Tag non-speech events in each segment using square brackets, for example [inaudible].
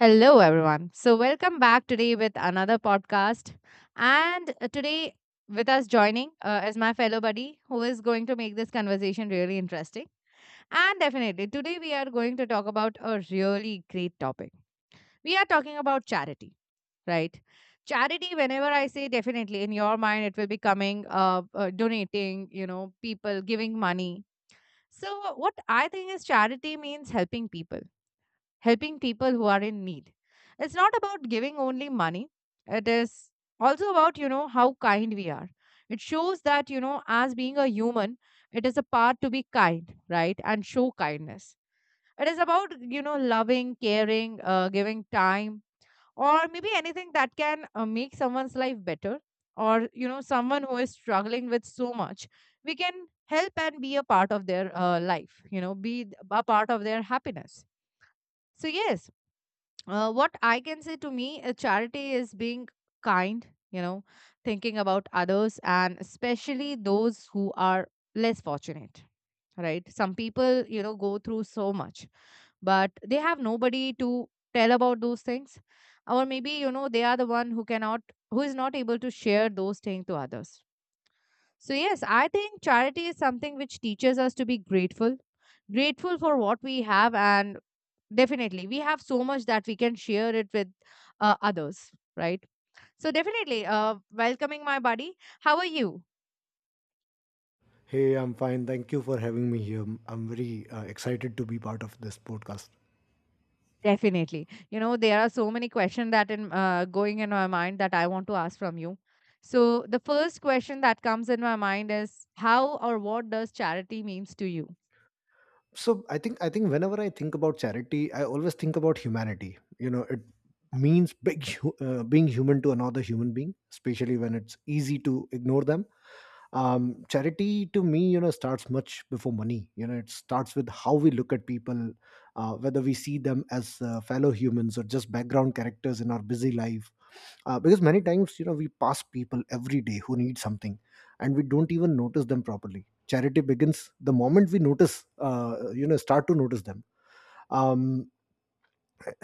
Hello, everyone. So, welcome back today with another podcast. And today, with us joining is my fellow buddy who is going to make this conversation really interesting. And definitely, today we are going to talk about a really great topic. We are talking about charity, right? Charity, whenever I say definitely, in your mind, it will be coming, donating, you know, people giving money. So, what I think is charity means helping people who are in need. It's not about giving only money, it is also about, you know, how kind we are. It shows that, you know, as being a human, it is a part to be kind, right? And show kindness. It is about, you know, loving, caring, giving time, or maybe anything that can make someone's life better, or, you know, someone who is struggling with so much. We can help and be a part of their life, you know, be a part of their happiness. So, yes, what I can say to me, a charity is being kind, you know, thinking about others and especially those who are less fortunate, right? Some people, you know, go through so much, but they have nobody to tell about those things. Or maybe, you know, they are the one who cannot, who is not able to share those things to others. So, yes, I think charity is something which teaches us to be grateful, grateful for what we have. And definitely, we have so much that we can share it with others, right? So, definitely, welcoming my buddy. How are you? Hey, I'm fine. Thank you for having me here. I'm very excited to be part of this podcast. Definitely. You know, there are so many questions that in going in my mind that I want to ask from you. So the first question that comes in my mind is how or what does charity means to you? So, I think whenever I think about charity, I always think about humanity. You know, it means big, being human to another human being, especially when it's easy to ignore them. Charity to me, you know, starts much before money. You know, it starts with how we look at people, whether we see them as fellow humans or just background characters in our busy life because many times, you know, we pass people every day who need something, and we don't even notice them properly. Charity begins the moment we notice, you know, start to notice them. um,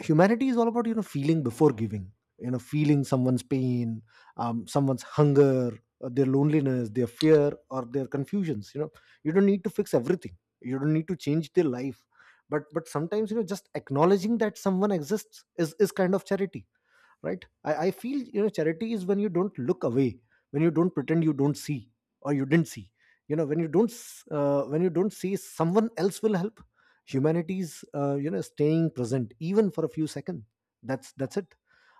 Humanity is all about, you know, feeling before giving, you know, feeling someone's pain, someone's hunger, their loneliness, their fear, or their confusions, you know. You don't need to fix everything, you don't need to change their life, but sometimes, you know, just acknowledging that someone exists is kind of charity, right? I feel, you know, charity is when you don't look away, when you don't pretend you don't see, or you didn't see. You know, when you don't when you don't see, someone else will help. Humanity's, you know, staying present even for a few seconds. That's it.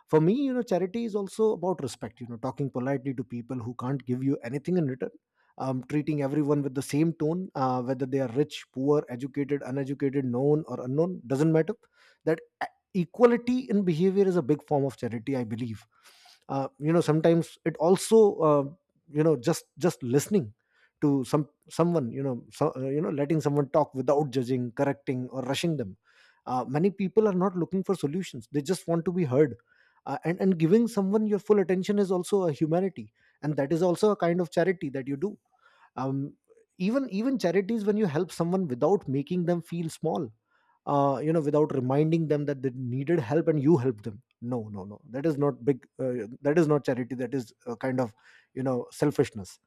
For me, you know, charity is also about respect, you know, talking politely to people who can't give you anything in return. Treating everyone with the same tone, whether they are rich, poor, educated, uneducated, known or unknown, doesn't matter. That equality in behavior is a big form of charity, I believe. You know, sometimes it also, uh, you know, just listening to someone, you know. So, you know, letting someone talk without judging, correcting, or rushing them. Many people are not looking for solutions, they just want to be heard. And giving someone your full attention is also a humanity, and that is also a kind of charity that you do. um, even charities, when you help someone without making them feel small, you know, without reminding them that they needed help and you helped them. No, no, no, that is not big. That is not charity, that is a kind of, you know, selfishness.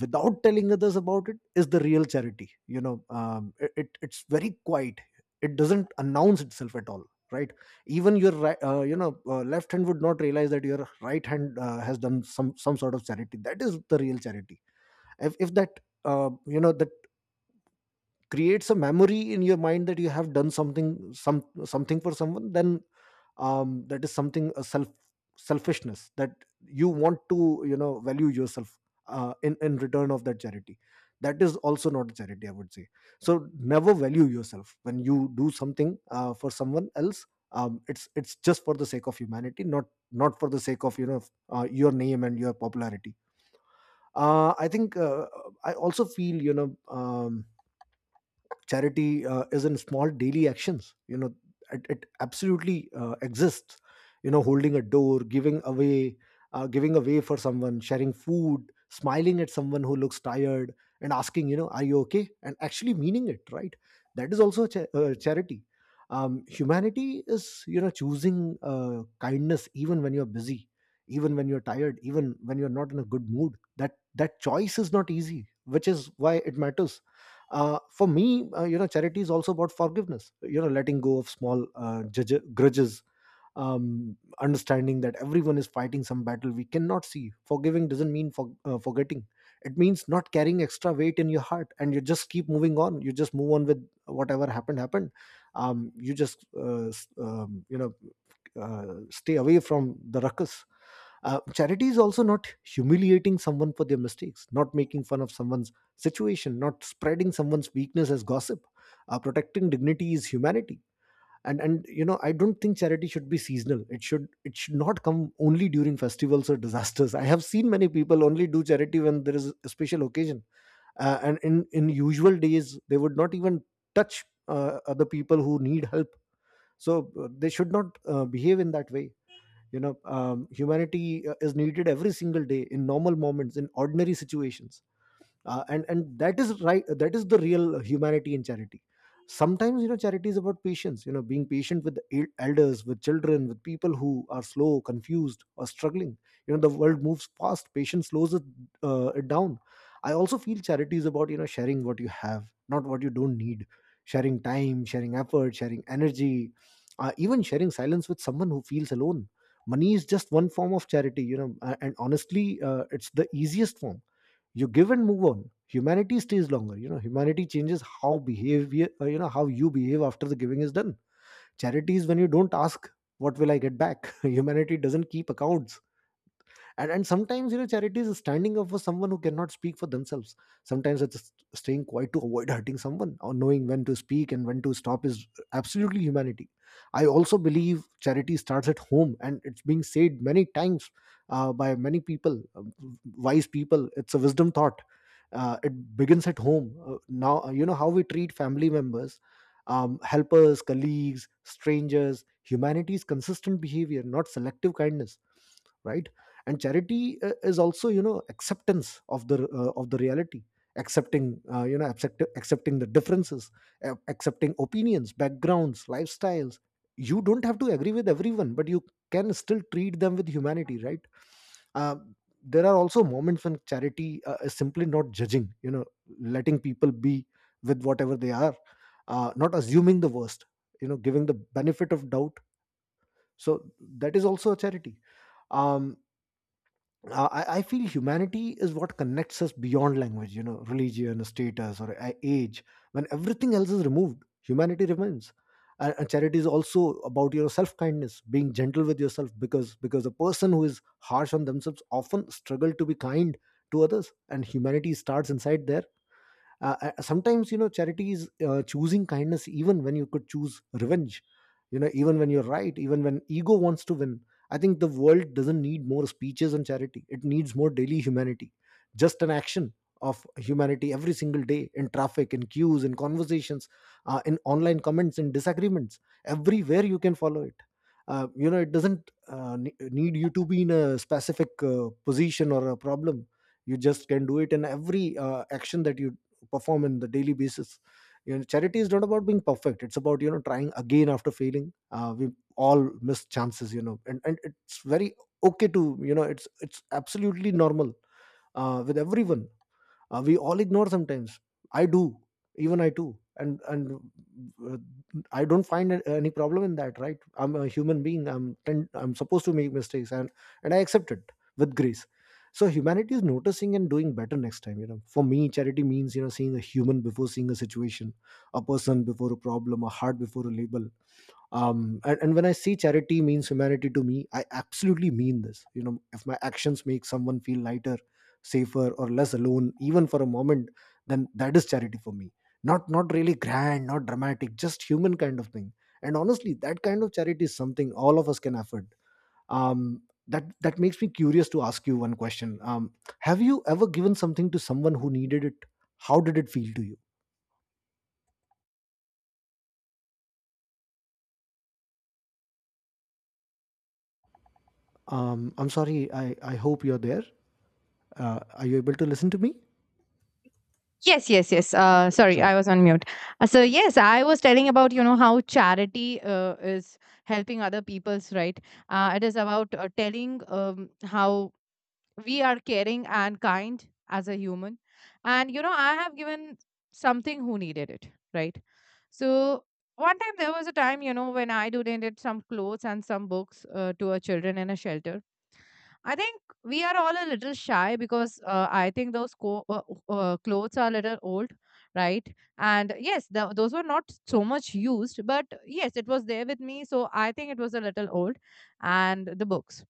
Without telling others about it is the real charity, you know. It's very quiet, it doesn't announce itself at all, right? Even your right, left hand would not realize that your right hand has done some sort of charity. That is the real charity. If that, that creates a memory in your mind that you have done some something for someone, then that is something a selfishness, that you want to, you know, value yourself in return of that charity. That is also not charity, I would say. So never value yourself when you do something for someone else. It's just for the sake of humanity, not not for the sake of, you know, your name and your popularity. Uh, i think uh, i also feel, you know, um, charity, is in small daily actions, you know. It absolutely exists. You know, holding a door, giving away, giving away for someone, sharing food, smiling at someone who looks tired, and asking, you know, are you okay, and actually meaning it, right? That is also a charity. Humanity is, you know, choosing kindness even when you're busy, even when you're tired, even when you're not in a good mood. That choice is not easy, which is why it matters. For me, you know, charity is also about forgiveness, you know, letting go of small grudges. Understanding that everyone is fighting some battle we cannot see. Forgiving doesn't mean forgetting. It means not carrying extra weight in your heart, and you just keep moving on. You just move on with whatever happened happened. You just stay away from the ruckus. Charity is also not humiliating someone for their mistakes, not making fun of someone's situation, not spreading someone's weakness as gossip. Protecting dignity is humanity. And you know, I don't think charity should be seasonal. It should not come only during festivals or disasters. I have seen many people only do charity when there is a special occasion, and in usual days they would not even touch other people who need help. So they should not behave in that way, you know. Humanity is needed every single day, in normal moments, in ordinary situations. And that is right, that is the real humanity in charity. Sometimes, you know, charity is about patience, you know, being patient with the elders, with children, with people who are slow, confused, or struggling. You know, the world moves fast, patience slows it down. I also feel charity is about, you know, sharing what you have, not what you don't need. Sharing time, sharing effort, sharing energy, even sharing silence with someone who feels alone. Money is just one form of charity, you know, and honestly it's the easiest form. You give and move on. Humanity stays longer. You know, humanity changes how behavior, you know, how you behave after the giving is done. Charity is when you don't ask, what will I get back? [laughs] Humanity doesn't keep accounts. And sometimes, you know, charity is standing up for someone who cannot speak for themselves. Sometimes it's just staying quiet to avoid hurting someone, or knowing when to speak and when to stop is absolutely humanity. I also believe charity starts at home, and it's being said many times by many people, wise people. It's a wisdom thought. It begins at home. Now You know, how we treat family members, helpers, colleagues, strangers. Humanity is consistent behavior, not selective kindness, right? And charity, is also, you know, acceptance of the reality. Accepting, accepting the differences, accepting opinions, backgrounds, lifestyles. You don't have to agree with everyone, but you can still treat them with humanity, right? uh, there are also moments when charity is simply not judging, you know, letting people be with whatever they are. Not assuming the worst, you know, giving the benefit of doubt. So that is also a charity. Um uh, I, I feel humanity is what connects us beyond language, you know, religion, status, or age. When everything else is removed, humanity remains. And charity is also about your self kindness, being gentle with yourself, because a person who is harsh on themselves often struggle to be kind to others, and humanity starts inside there. Sometimes, you know, charity is choosing kindness even when you could choose revenge, you know, even when you're right, even when ego wants to win. I think the world doesn't need more speeches on charity, it needs more daily humanity. Just an action of humanity every single day, in traffic, in queues, in conversations, in online comments, in disagreements. Everywhere you can follow it. You know, it doesn't need you to be in a specific position or a problem. You just can do it in every action that you perform on the daily basis. You know, charity is not about being perfect, it's about, you know, trying again after failing. We all miss chances, you know, and it's very okay to, you know, it's absolutely normal with everyone. We all ignore sometimes. I do. Even I too. And uh, I don't find any problem in that, right? I'm a human being, I'm supposed to make mistakes, and I accept it with grace. So humanity is noticing and doing better next time. You know, for me charity means, you know, seeing a human before seeing a situation, a person before a problem, a heart before a label. And when I say charity means humanity to me, I absolutely mean this. You know, if my actions make someone feel lighter, safer, or less alone even for a moment, then that is charity for me. Not not really grand, not dramatic, just human kind of thing. And honestly, that kind of charity is something all of us can afford. That makes me curious to ask you one question. Have you ever given something to someone who needed it? How did it feel to you? I'm sorry. I hope you're there. Are you able to listen to me? Yes, yes, yes. Sorry, Sorry. I was on mute. So yes, I was telling about, you know, how charity is helping other people's, right. It is about telling, how we are caring and kind as a human, and you know I have given something who needed it, right. So one time there was a time, you know, when I donated some clothes and some books to a children in a shelter. I think we are all a little shy because I think those clothes are a little old, right? And yes, the, those were not so much used, but yes, it was there with me. So I think it was a little old. And the books.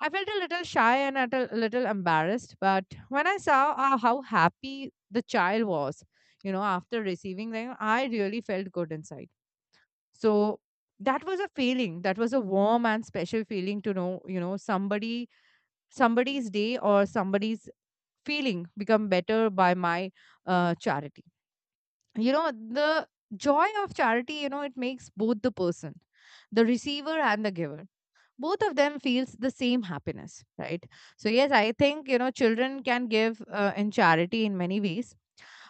I felt a little shy and a little embarrassed. But when I saw how happy the child was, you know, after receiving them, I really felt good inside. So that was a feeling. That was a warm and special feeling to know, you know, somebody's day or somebody's feeling become better by my charity, you know. The joy of charity, you know, it makes both the person, the receiver and the giver, both of them feels the same happiness, right? So yes, I think, you know, children can give in charity in many ways.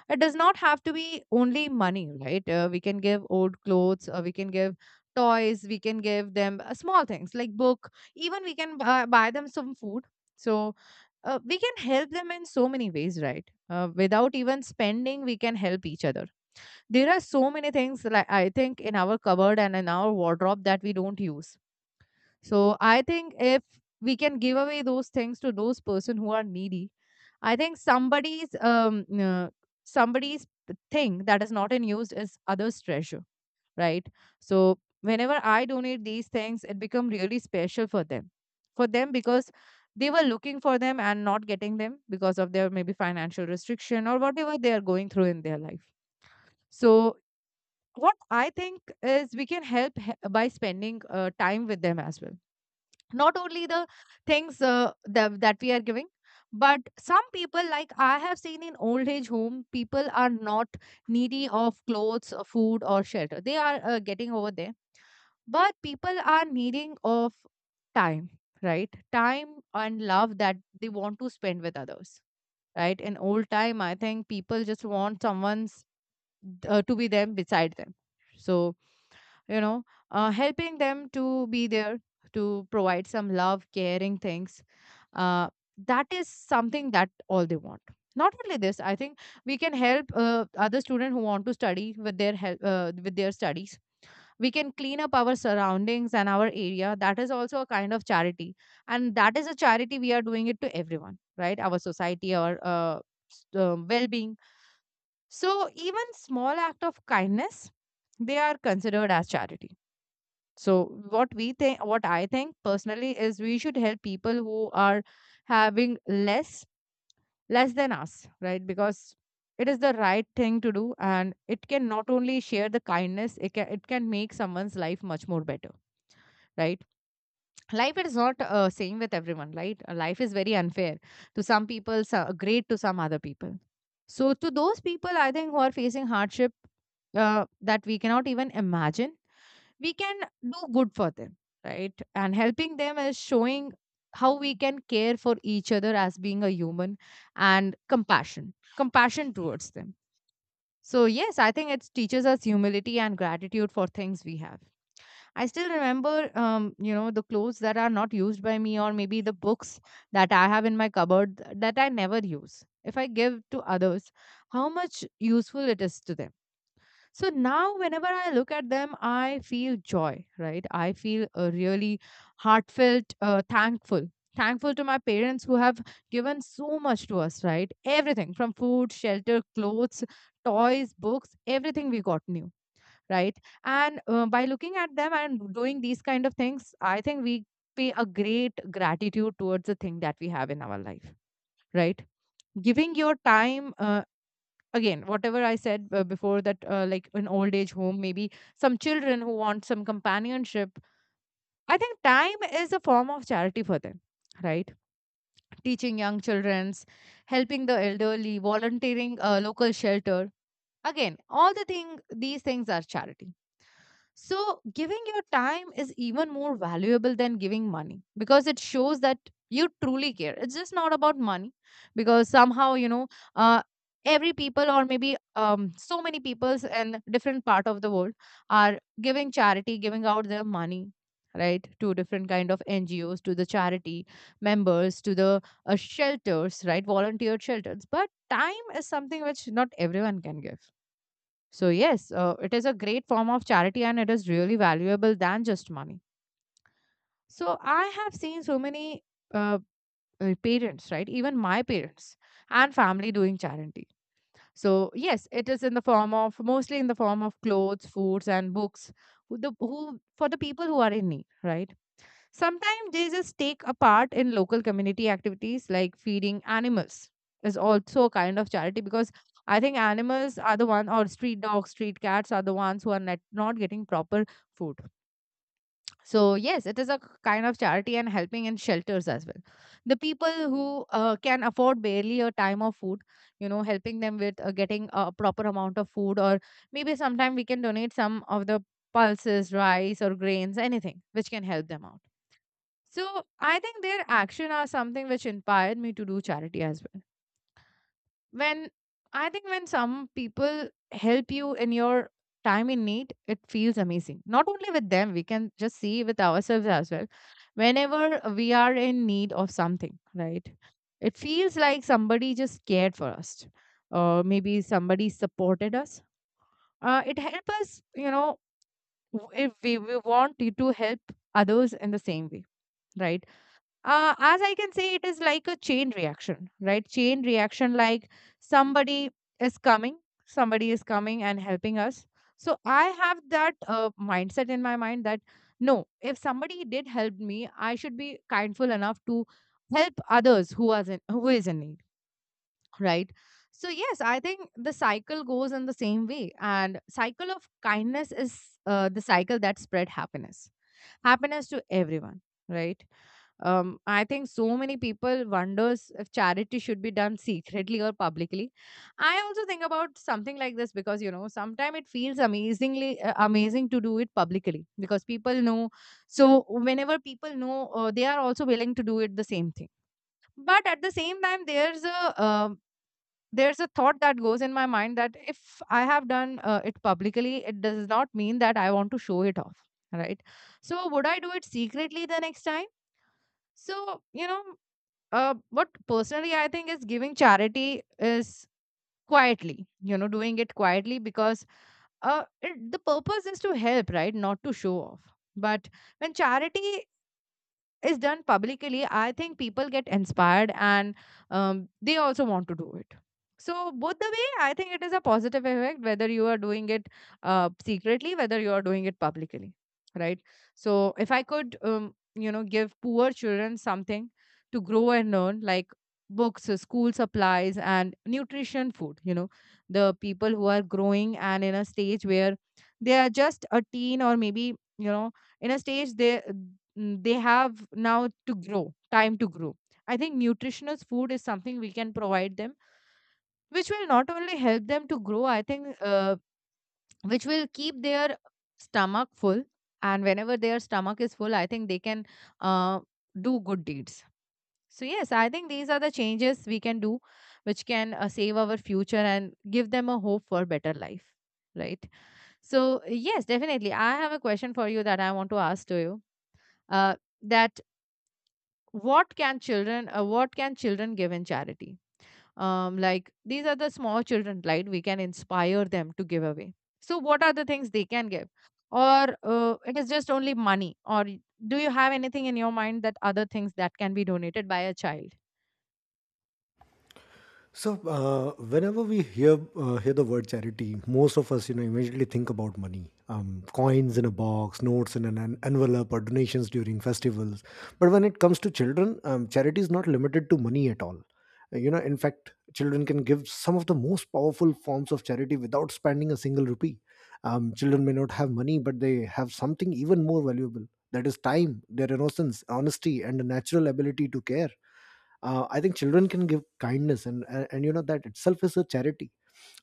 It does not have to be only money, right. We can give old clothes, we can give toys, we can give them small things like book, even we can buy them some food. So we can help them in so many ways, right, without even spending we can help each other. There are so many things, like I think in our cupboard and in our wardrobe that we don't use. So I think if we can give away those things to those person who are needy, I think somebody's thing that is not in use is others' treasure, right? So whenever I donate these things, it become really special for them because they were looking for them and not getting them because of their maybe financial restriction or whatever they are going through in their life. So what I think is we can help by spending time with them as well, not only the things that we are giving. But some people, like I have seen in old age home, people are not needy of clothes, food or shelter, they are getting over there. But people are needing of time, right, time and love that they want to spend with others, right. In old time I think people just want someone's to be them beside them. So, you know, helping them to be there, to provide some love, caring things, uh, that is something that all they want. Not only this, I think we can help other students who want to study with their help with their studies. We can clean up our surroundings and our area, that is also a kind of charity. And that is a charity we are doing it to everyone, right, our society, our well-being. So even small act of kindness, they are considered as charity. So what I think personally is we should help people who are having less, less than us, right? Because it is the right thing to do, and it can not only share the kindness, it can make someone's life much more better, right? Life is not same with everyone, right. Life is very unfair to some people, so great to some other people. So to those people, I think, who are facing hardship that we cannot even imagine, we can do good for them, right. And helping them is showing how we can care for each other as being a human, and compassion towards them. So yes, I think it teaches us humility and gratitude for things we have. I still remember, you know, the clothes that are not used by me, or maybe the books that I have in my cupboard that I never use. If I give to others, how much useful it is to them. So now, whenever I look at them, I feel joy, right? I feel really heartfelt, thankful. Thankful to my parents who have given so much to us, right? Everything from food, shelter, clothes, toys, books, everything we got new, right? And by looking at them and doing these kind of things, I think we pay a great gratitude towards the thing that we have in our life, right? Giving your time, again, whatever I said before that, like an old age home, maybe some children who want some companionship. I think time is a form of charity for them, right? Teaching young children, helping the elderly, volunteering a local shelter. Again, all the thing these things are charity. So giving your time is even more valuable than giving money because it shows that you truly care. It's just not about money, because somehow, you know, uh, every people, or maybe so many peoples in different part of the world are giving charity, giving out their money, right, to different kind of NGOs, to the charity members, to the shelters, right, volunteer shelters. But time is something which not everyone can give. So yes, it is a great form of charity and it is really valuable than just money. So I have seen so many uh, parents, right? Even my parents and family doing charity. So yes, it is in the form of, mostly in the form of clothes, foods, and books. Who for the people who are in need, right? Sometimes they just take a part in local community activities like feeding animals is also a kind of charity, because I think animals are the one, or street dogs, street cats are the ones who are not getting proper food. So yes, it is a kind of charity, and helping in shelters as well. The people who can afford barely a time of food, you know, helping them with getting a proper amount of food, or maybe sometime we can donate some of the pulses, rice or grains, anything which can help them out. So I think their action are something which inspired me to do charity as well. When I think when some people help you in your time in need, it feels amazing. Not only with them, we can just see with ourselves as well. Whenever we are in need of something, right? It feels like somebody just cared for us, or maybe somebody supported us. It helps us, you know, if we want to help others in the same way, right? Uh, as I can say, it is like a chain reaction, right? Chain reaction, like somebody is coming, somebody is coming and helping us. So I have that mindset in my mind that no, if somebody did help me, I should be kindful enough to help others who are in, who is in need, right? So yes, I think the cycle goes in the same way, and cycle of kindness is the cycle that spread happiness, happiness to everyone, right? I think so many people wonders if charity should be done secretly or publicly. I also think about something like this because you know sometimes it feels amazingly amazing to do it publicly because people know. So whenever people know, they are also willing to do it the same thing. But at the same time, there's a thought that goes in my mind that if I have done it publicly, it does not mean that I want to show it off, right? So would I do it secretly the next time? So, you know, what personally I think is giving charity is quietly, you know, doing it quietly because the purpose is to help, right? Not to show off. But when charity is done publicly, I think people get inspired and they also want to do it. So, both the way, I think it is a positive effect whether you are doing it secretly, whether you are doing it publicly, right? So, if I could, you know, give poor children something to grow and learn, like books, school supplies, and nutrition food, you know, the people who are growing and in a stage where they are just a teen or maybe, you know, in a stage they they have now to grow time to grow. I think nutritious food is something we can provide them, which will not only help them to grow. I think which will keep their stomach full, and whenever their stomach is full, I think they can uh, do good deeds. So yes, I think these are the changes we can do, which can save our future and give them a hope for better life, right? So yes, definitely I have a question for you that I want to ask to you, uh, that what can children give in charity? Um, like these are the small children, right? We can inspire them to give away. So what are the things they can give? Or it is just only money? Or do you have anything in your mind that other things that can be donated by a child? So, whenever we hear hear the word charity, most of us, you know, immediately think about money, coins in a box, notes in an envelope, or donations during festivals. But when it comes to children, charity is not limited to money at all. You know, in fact, children can give some of the most powerful forms of charity without spending a single rupee. Children may not have money, but they have something even more valuable. That is time, their innocence, honesty, and a natural ability to care. I think children can give kindness, and you know, that itself is a charity.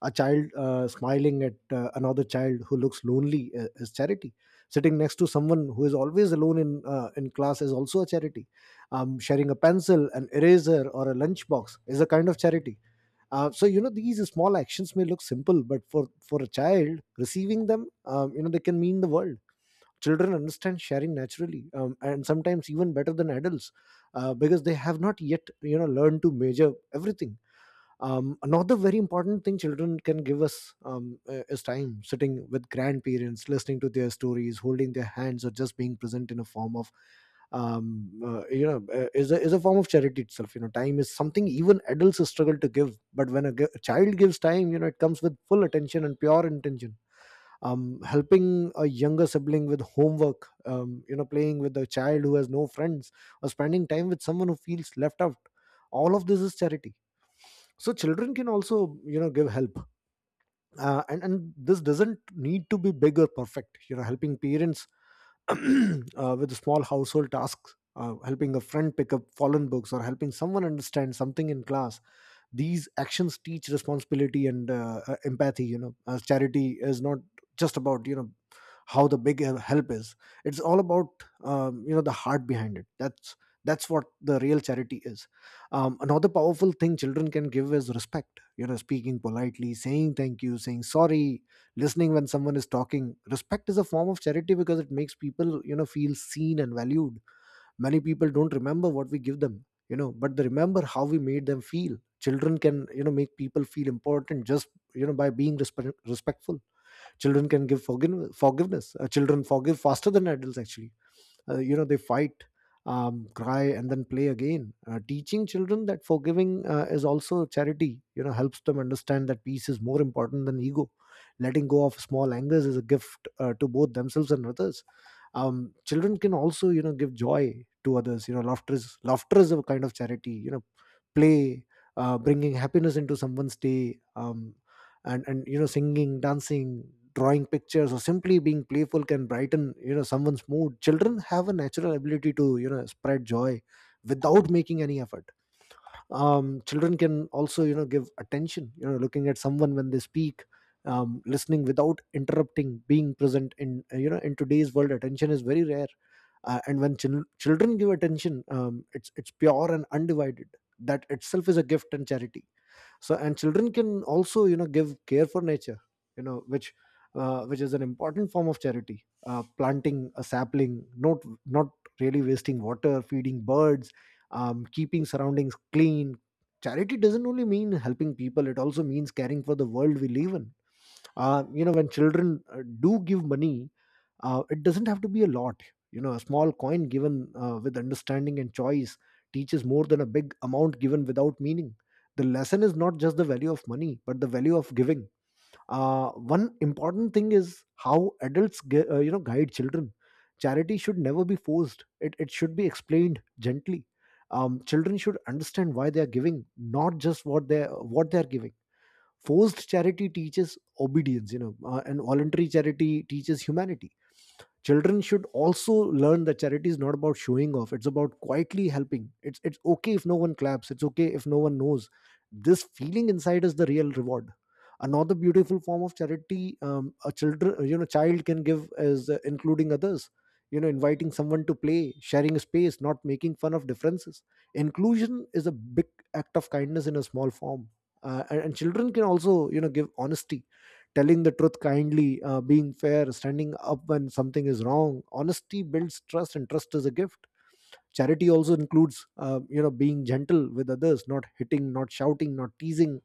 A child smiling at another child who looks lonely is charity. Sitting next to someone who is always alone in class is also a charity. Sharing a pencil, an eraser, or a lunchbox is a kind of charity. So you know, these small actions may look simple, but for a child receiving them, you know, they can mean the world. Children understand sharing naturally, and sometimes even better than adults, because they have not yet, you know, learned to measure everything. Another very important thing children can give us, is time. Sitting with grandparents, listening to their stories, holding their hands, or just being present in a form of you know, is a form of charity itself. You know, time is something even adults struggle to give, but when a, a child gives time, you know, it comes with full attention and pure intention. Helping a younger sibling with homework, you know, playing with a child who has no friends, or spending time with someone who feels left out, all of this is charity. So children can also, you know, give help, and this doesn't need to be big or perfect. You know, helping parents [clears throat] with small household tasks, helping a friend pick up fallen books, or helping someone understand something in class, these actions teach responsibility and empathy. You know, as charity is not just about, you know, how the big help is. It's all about, you know, the heart behind it. That's what the real charity is. Another powerful thing children can give is respect. You know, speaking politely, saying thank you, saying sorry, listening when someone is talking. Respect is a form of charity because it makes people, you know, feel seen and valued. Many people don't remember what we give them, you know, but they remember how we made them feel. Children can, you know, make people feel important just, you know, by being respectful. Children can give forgiveness. Children forgive faster than adults, actually. You know, they fight, cry, and then play again. Teaching children that forgiving is also charity, you know, helps them understand that peace is more important than ego. Letting go of small angers is a gift to both themselves and others. Children can also, you know, give joy to others. You know, laughter is, laughter is a kind of charity. You know, play, bringing happiness into someone's day, and you know, singing, dancing, drawing pictures, or simply being playful can brighten, you know, someone's mood. Children have a natural ability to, you know, spread joy without making any effort. Children can also, you know, give attention, you know, looking at someone when they speak. Listening without interrupting, being present in, you know, in today's world, attention is very rare, and when children give attention, it's pure and undivided. That itself is a gift and charity. So and children can also, you know, give care for nature, you know, which is an important form of charity. Planting a sapling, not really wasting water, feeding birds, keeping surroundings clean. Charity doesn't only mean helping people, it also means caring for the world we live in. You know, when children do give money, it doesn't have to be a lot. You know, a small coin given with understanding and choice teaches more than a big amount given without meaning. The lesson is not just the value of money, but the value of giving. One important thing is how adults you know, guide children. Charity should never be forced. It should be explained gently. Children should understand why they are giving, not just what they are giving. Forced charity teaches obedience, you know, and voluntary charity teaches humanity. Children should also learn that charity is not about showing off. It's about quietly helping. It's okay if no one claps, it's okay if no one knows. This feeling inside is the real reward. Another beautiful form of charity, a children, you know, child can give is including others. You know, inviting someone to play, sharing a space, not making fun of differences. Inclusion is a big act of kindness in a small form. And children can also, you know, give honesty, telling the truth kindly, being fair, standing up when something is wrong. Honesty builds trust, and trust is a gift. Charity also includes, you know, being gentle with others, not hitting, not shouting, not teasing.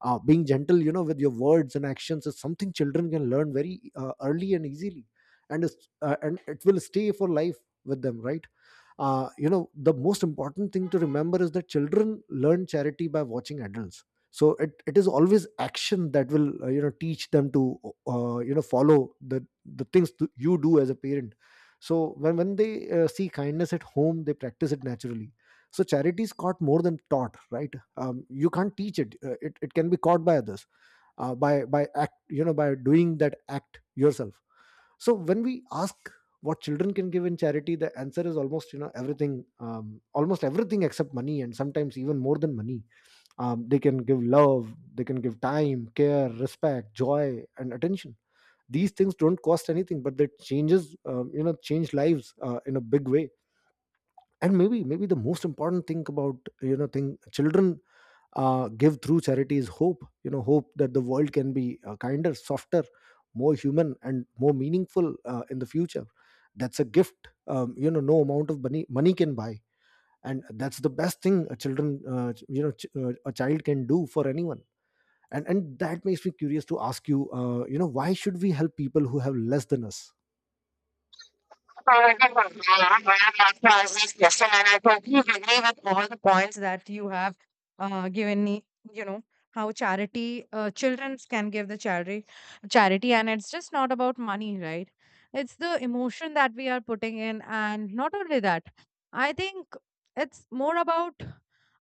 Being gentle, you know, with your words and actions is something children can learn very early and easily, and it's, and it will stay for life with them, right? You know, the most important thing to remember is that children learn charity by watching adults. So it is always action that will, you know, teach them to, you know, follow the things you do as a parent. So when they see kindness at home, they practice it naturally. So charity is caught more than taught, right? You can't teach it. It it can be caught by others, by act, you know, by doing that act yourself. So when we ask what children can give in charity, the answer is almost, you know, everything. Almost everything except money, and sometimes even more than money. They can give love, they can give time, care, respect, joy, and attention. These things don't cost anything, but they changes, you know, change lives in a big way. And maybe the most important thing about, you know, thing children give through charity is hope. You know, hope that the world can be kinder, softer, more human, and more meaningful in the future. That's a gift, you know, no amount of money can buy. And that's the best thing a children you know, a child can do for anyone. And that makes me curious to ask you, you know, why should we help people who have less than us? Alright, good one, Diana. Well, that's my next question, and I totally agree with all the points that you have given me. You know how charity, children can give the charity, charity, and it's just not about money, right? It's the emotion that we are putting in, and not only that, I think it's more about,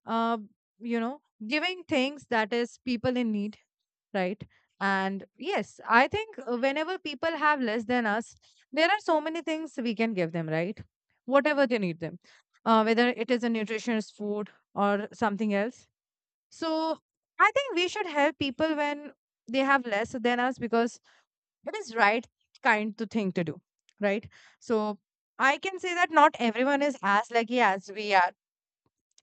uh, you know, giving things that is people in need, right? And yes, I think whenever people have less than us, there are so many things we can give them, right? Whatever they need them, whether it is a nutritious food or something else. So I think we should help people when they have less than us because it is right kind to thing to do, right? So I can say that not everyone is as lucky as we are,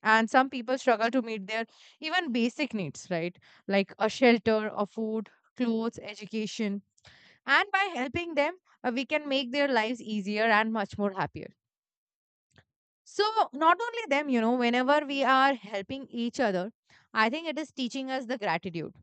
and some people struggle to meet their even basic needs, right? Like a shelter, a food, clothes, education. And by helping them, we can make their lives easier and much more happier. So not only them, you know, whenever we are helping each other, I think it is teaching us the gratitude.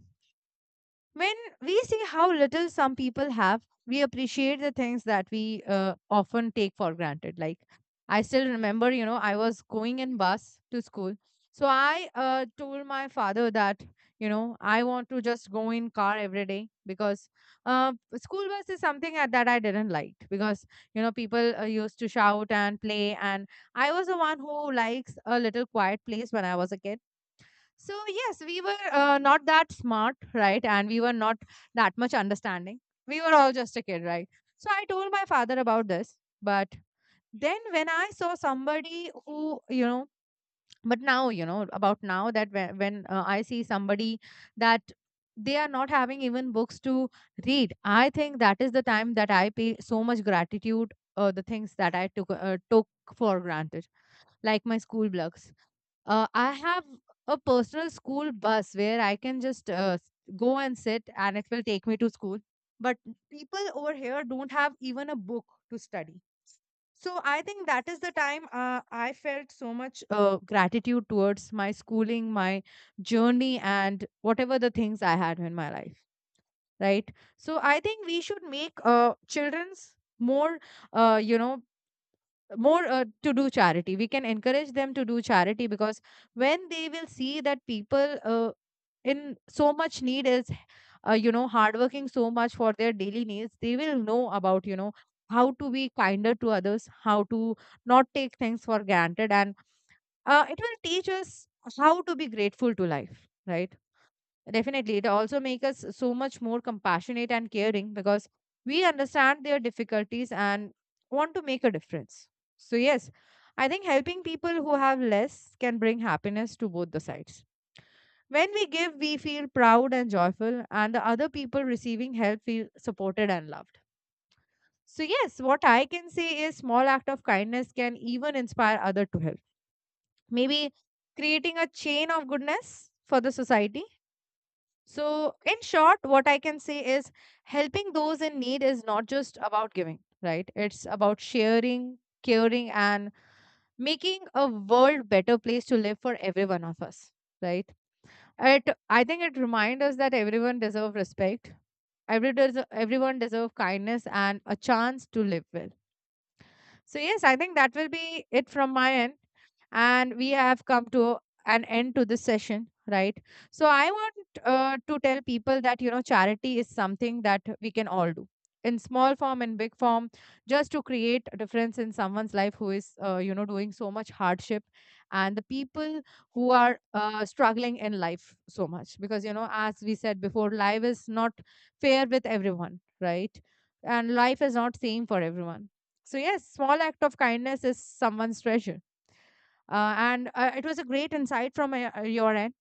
When we see how little some people have, we appreciate the things that we often take for granted. Like, I still remember, you know, I was going in bus to school. So I told my father that, you know, I want to just go in car every day because school bus is something that I didn't like because, you know, people used to shout and play. And I was the one who likes a little quiet place when I was a kid. So yes, we were not that smart, right? And we were not that much understanding. We were all just a kid, right? So I told my father about this, but then when I saw somebody who, you know, but now, you know, about now that when I see somebody that they are not having even books to read, I think that is the time that I pay so much gratitude the things that I took for granted, like my school blocks. I have a personal school bus where I can just go and sit and it will take me to school. But people over here don't have even a book to study. So I think that is the time I felt so much gratitude towards my schooling, my journey, and whatever the things I had in my life. Right. So I think we should make children's more, you know, more to do charity. We can encourage them to do charity because when they will see that people in so much need is you know hardworking so much for their daily needs, they will know about you know how to be kinder to others, how to not take things for granted, and it will teach us how to be grateful to life, right? Definitely. It also makes us so much more compassionate and caring because we understand their difficulties and want to make a difference. So, yes, I think helping people who have less can bring happiness to both the sides. When we give, we feel proud and joyful, and the other people receiving help feel supported and loved. So, yes, what I can say is small act of kindness can even inspire other to help. Maybe creating a chain of goodness for the society. So, in short, what I can say is helping those in need is not just about giving, right? It's about sharing, caring, and making a world better place to live for every one of us, right? It, I think it reminds us that everyone deserves respect. Everyone deserves kindness and a chance to live well. So yes, I think that will be it from my end, and we have come to an end to this session, right? So I want to tell people that you know charity is something that we can all do in small form and big form, just to create a difference in someone's life who is you know doing so much hardship, and the people who are struggling in life so much because you know as we said before life is not fair with everyone, right? And life is not same for everyone. So yes, small act of kindness is someone's treasure. And It was a great insight from your end,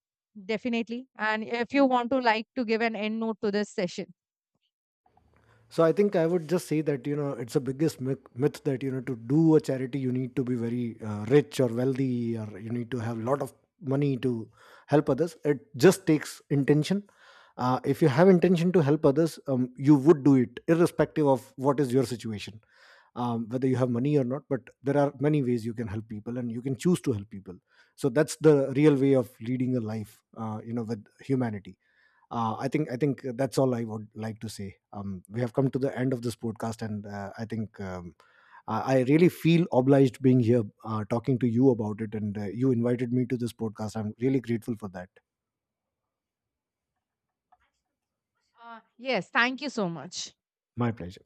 definitely. And if you want to like to give an end note to this session. So I think I would just say that, you know, it's a biggest myth that, you know, to do a charity you need to be very rich or wealthy, or you need to have a lot of money to help others. It just takes intention. If you have intention to help others, you would do it irrespective of what is your situation, whether you have money or not. But there are many ways you can help people, and you can choose to help people. So that's the real way of leading a life, you know, with humanity. I think that's all I would like to say. We have come to the end of this podcast, and I think I really feel obliged being here, talking to you about it, and you invited me to this podcast. I'm really grateful for that. Yes, thank you so much. My pleasure.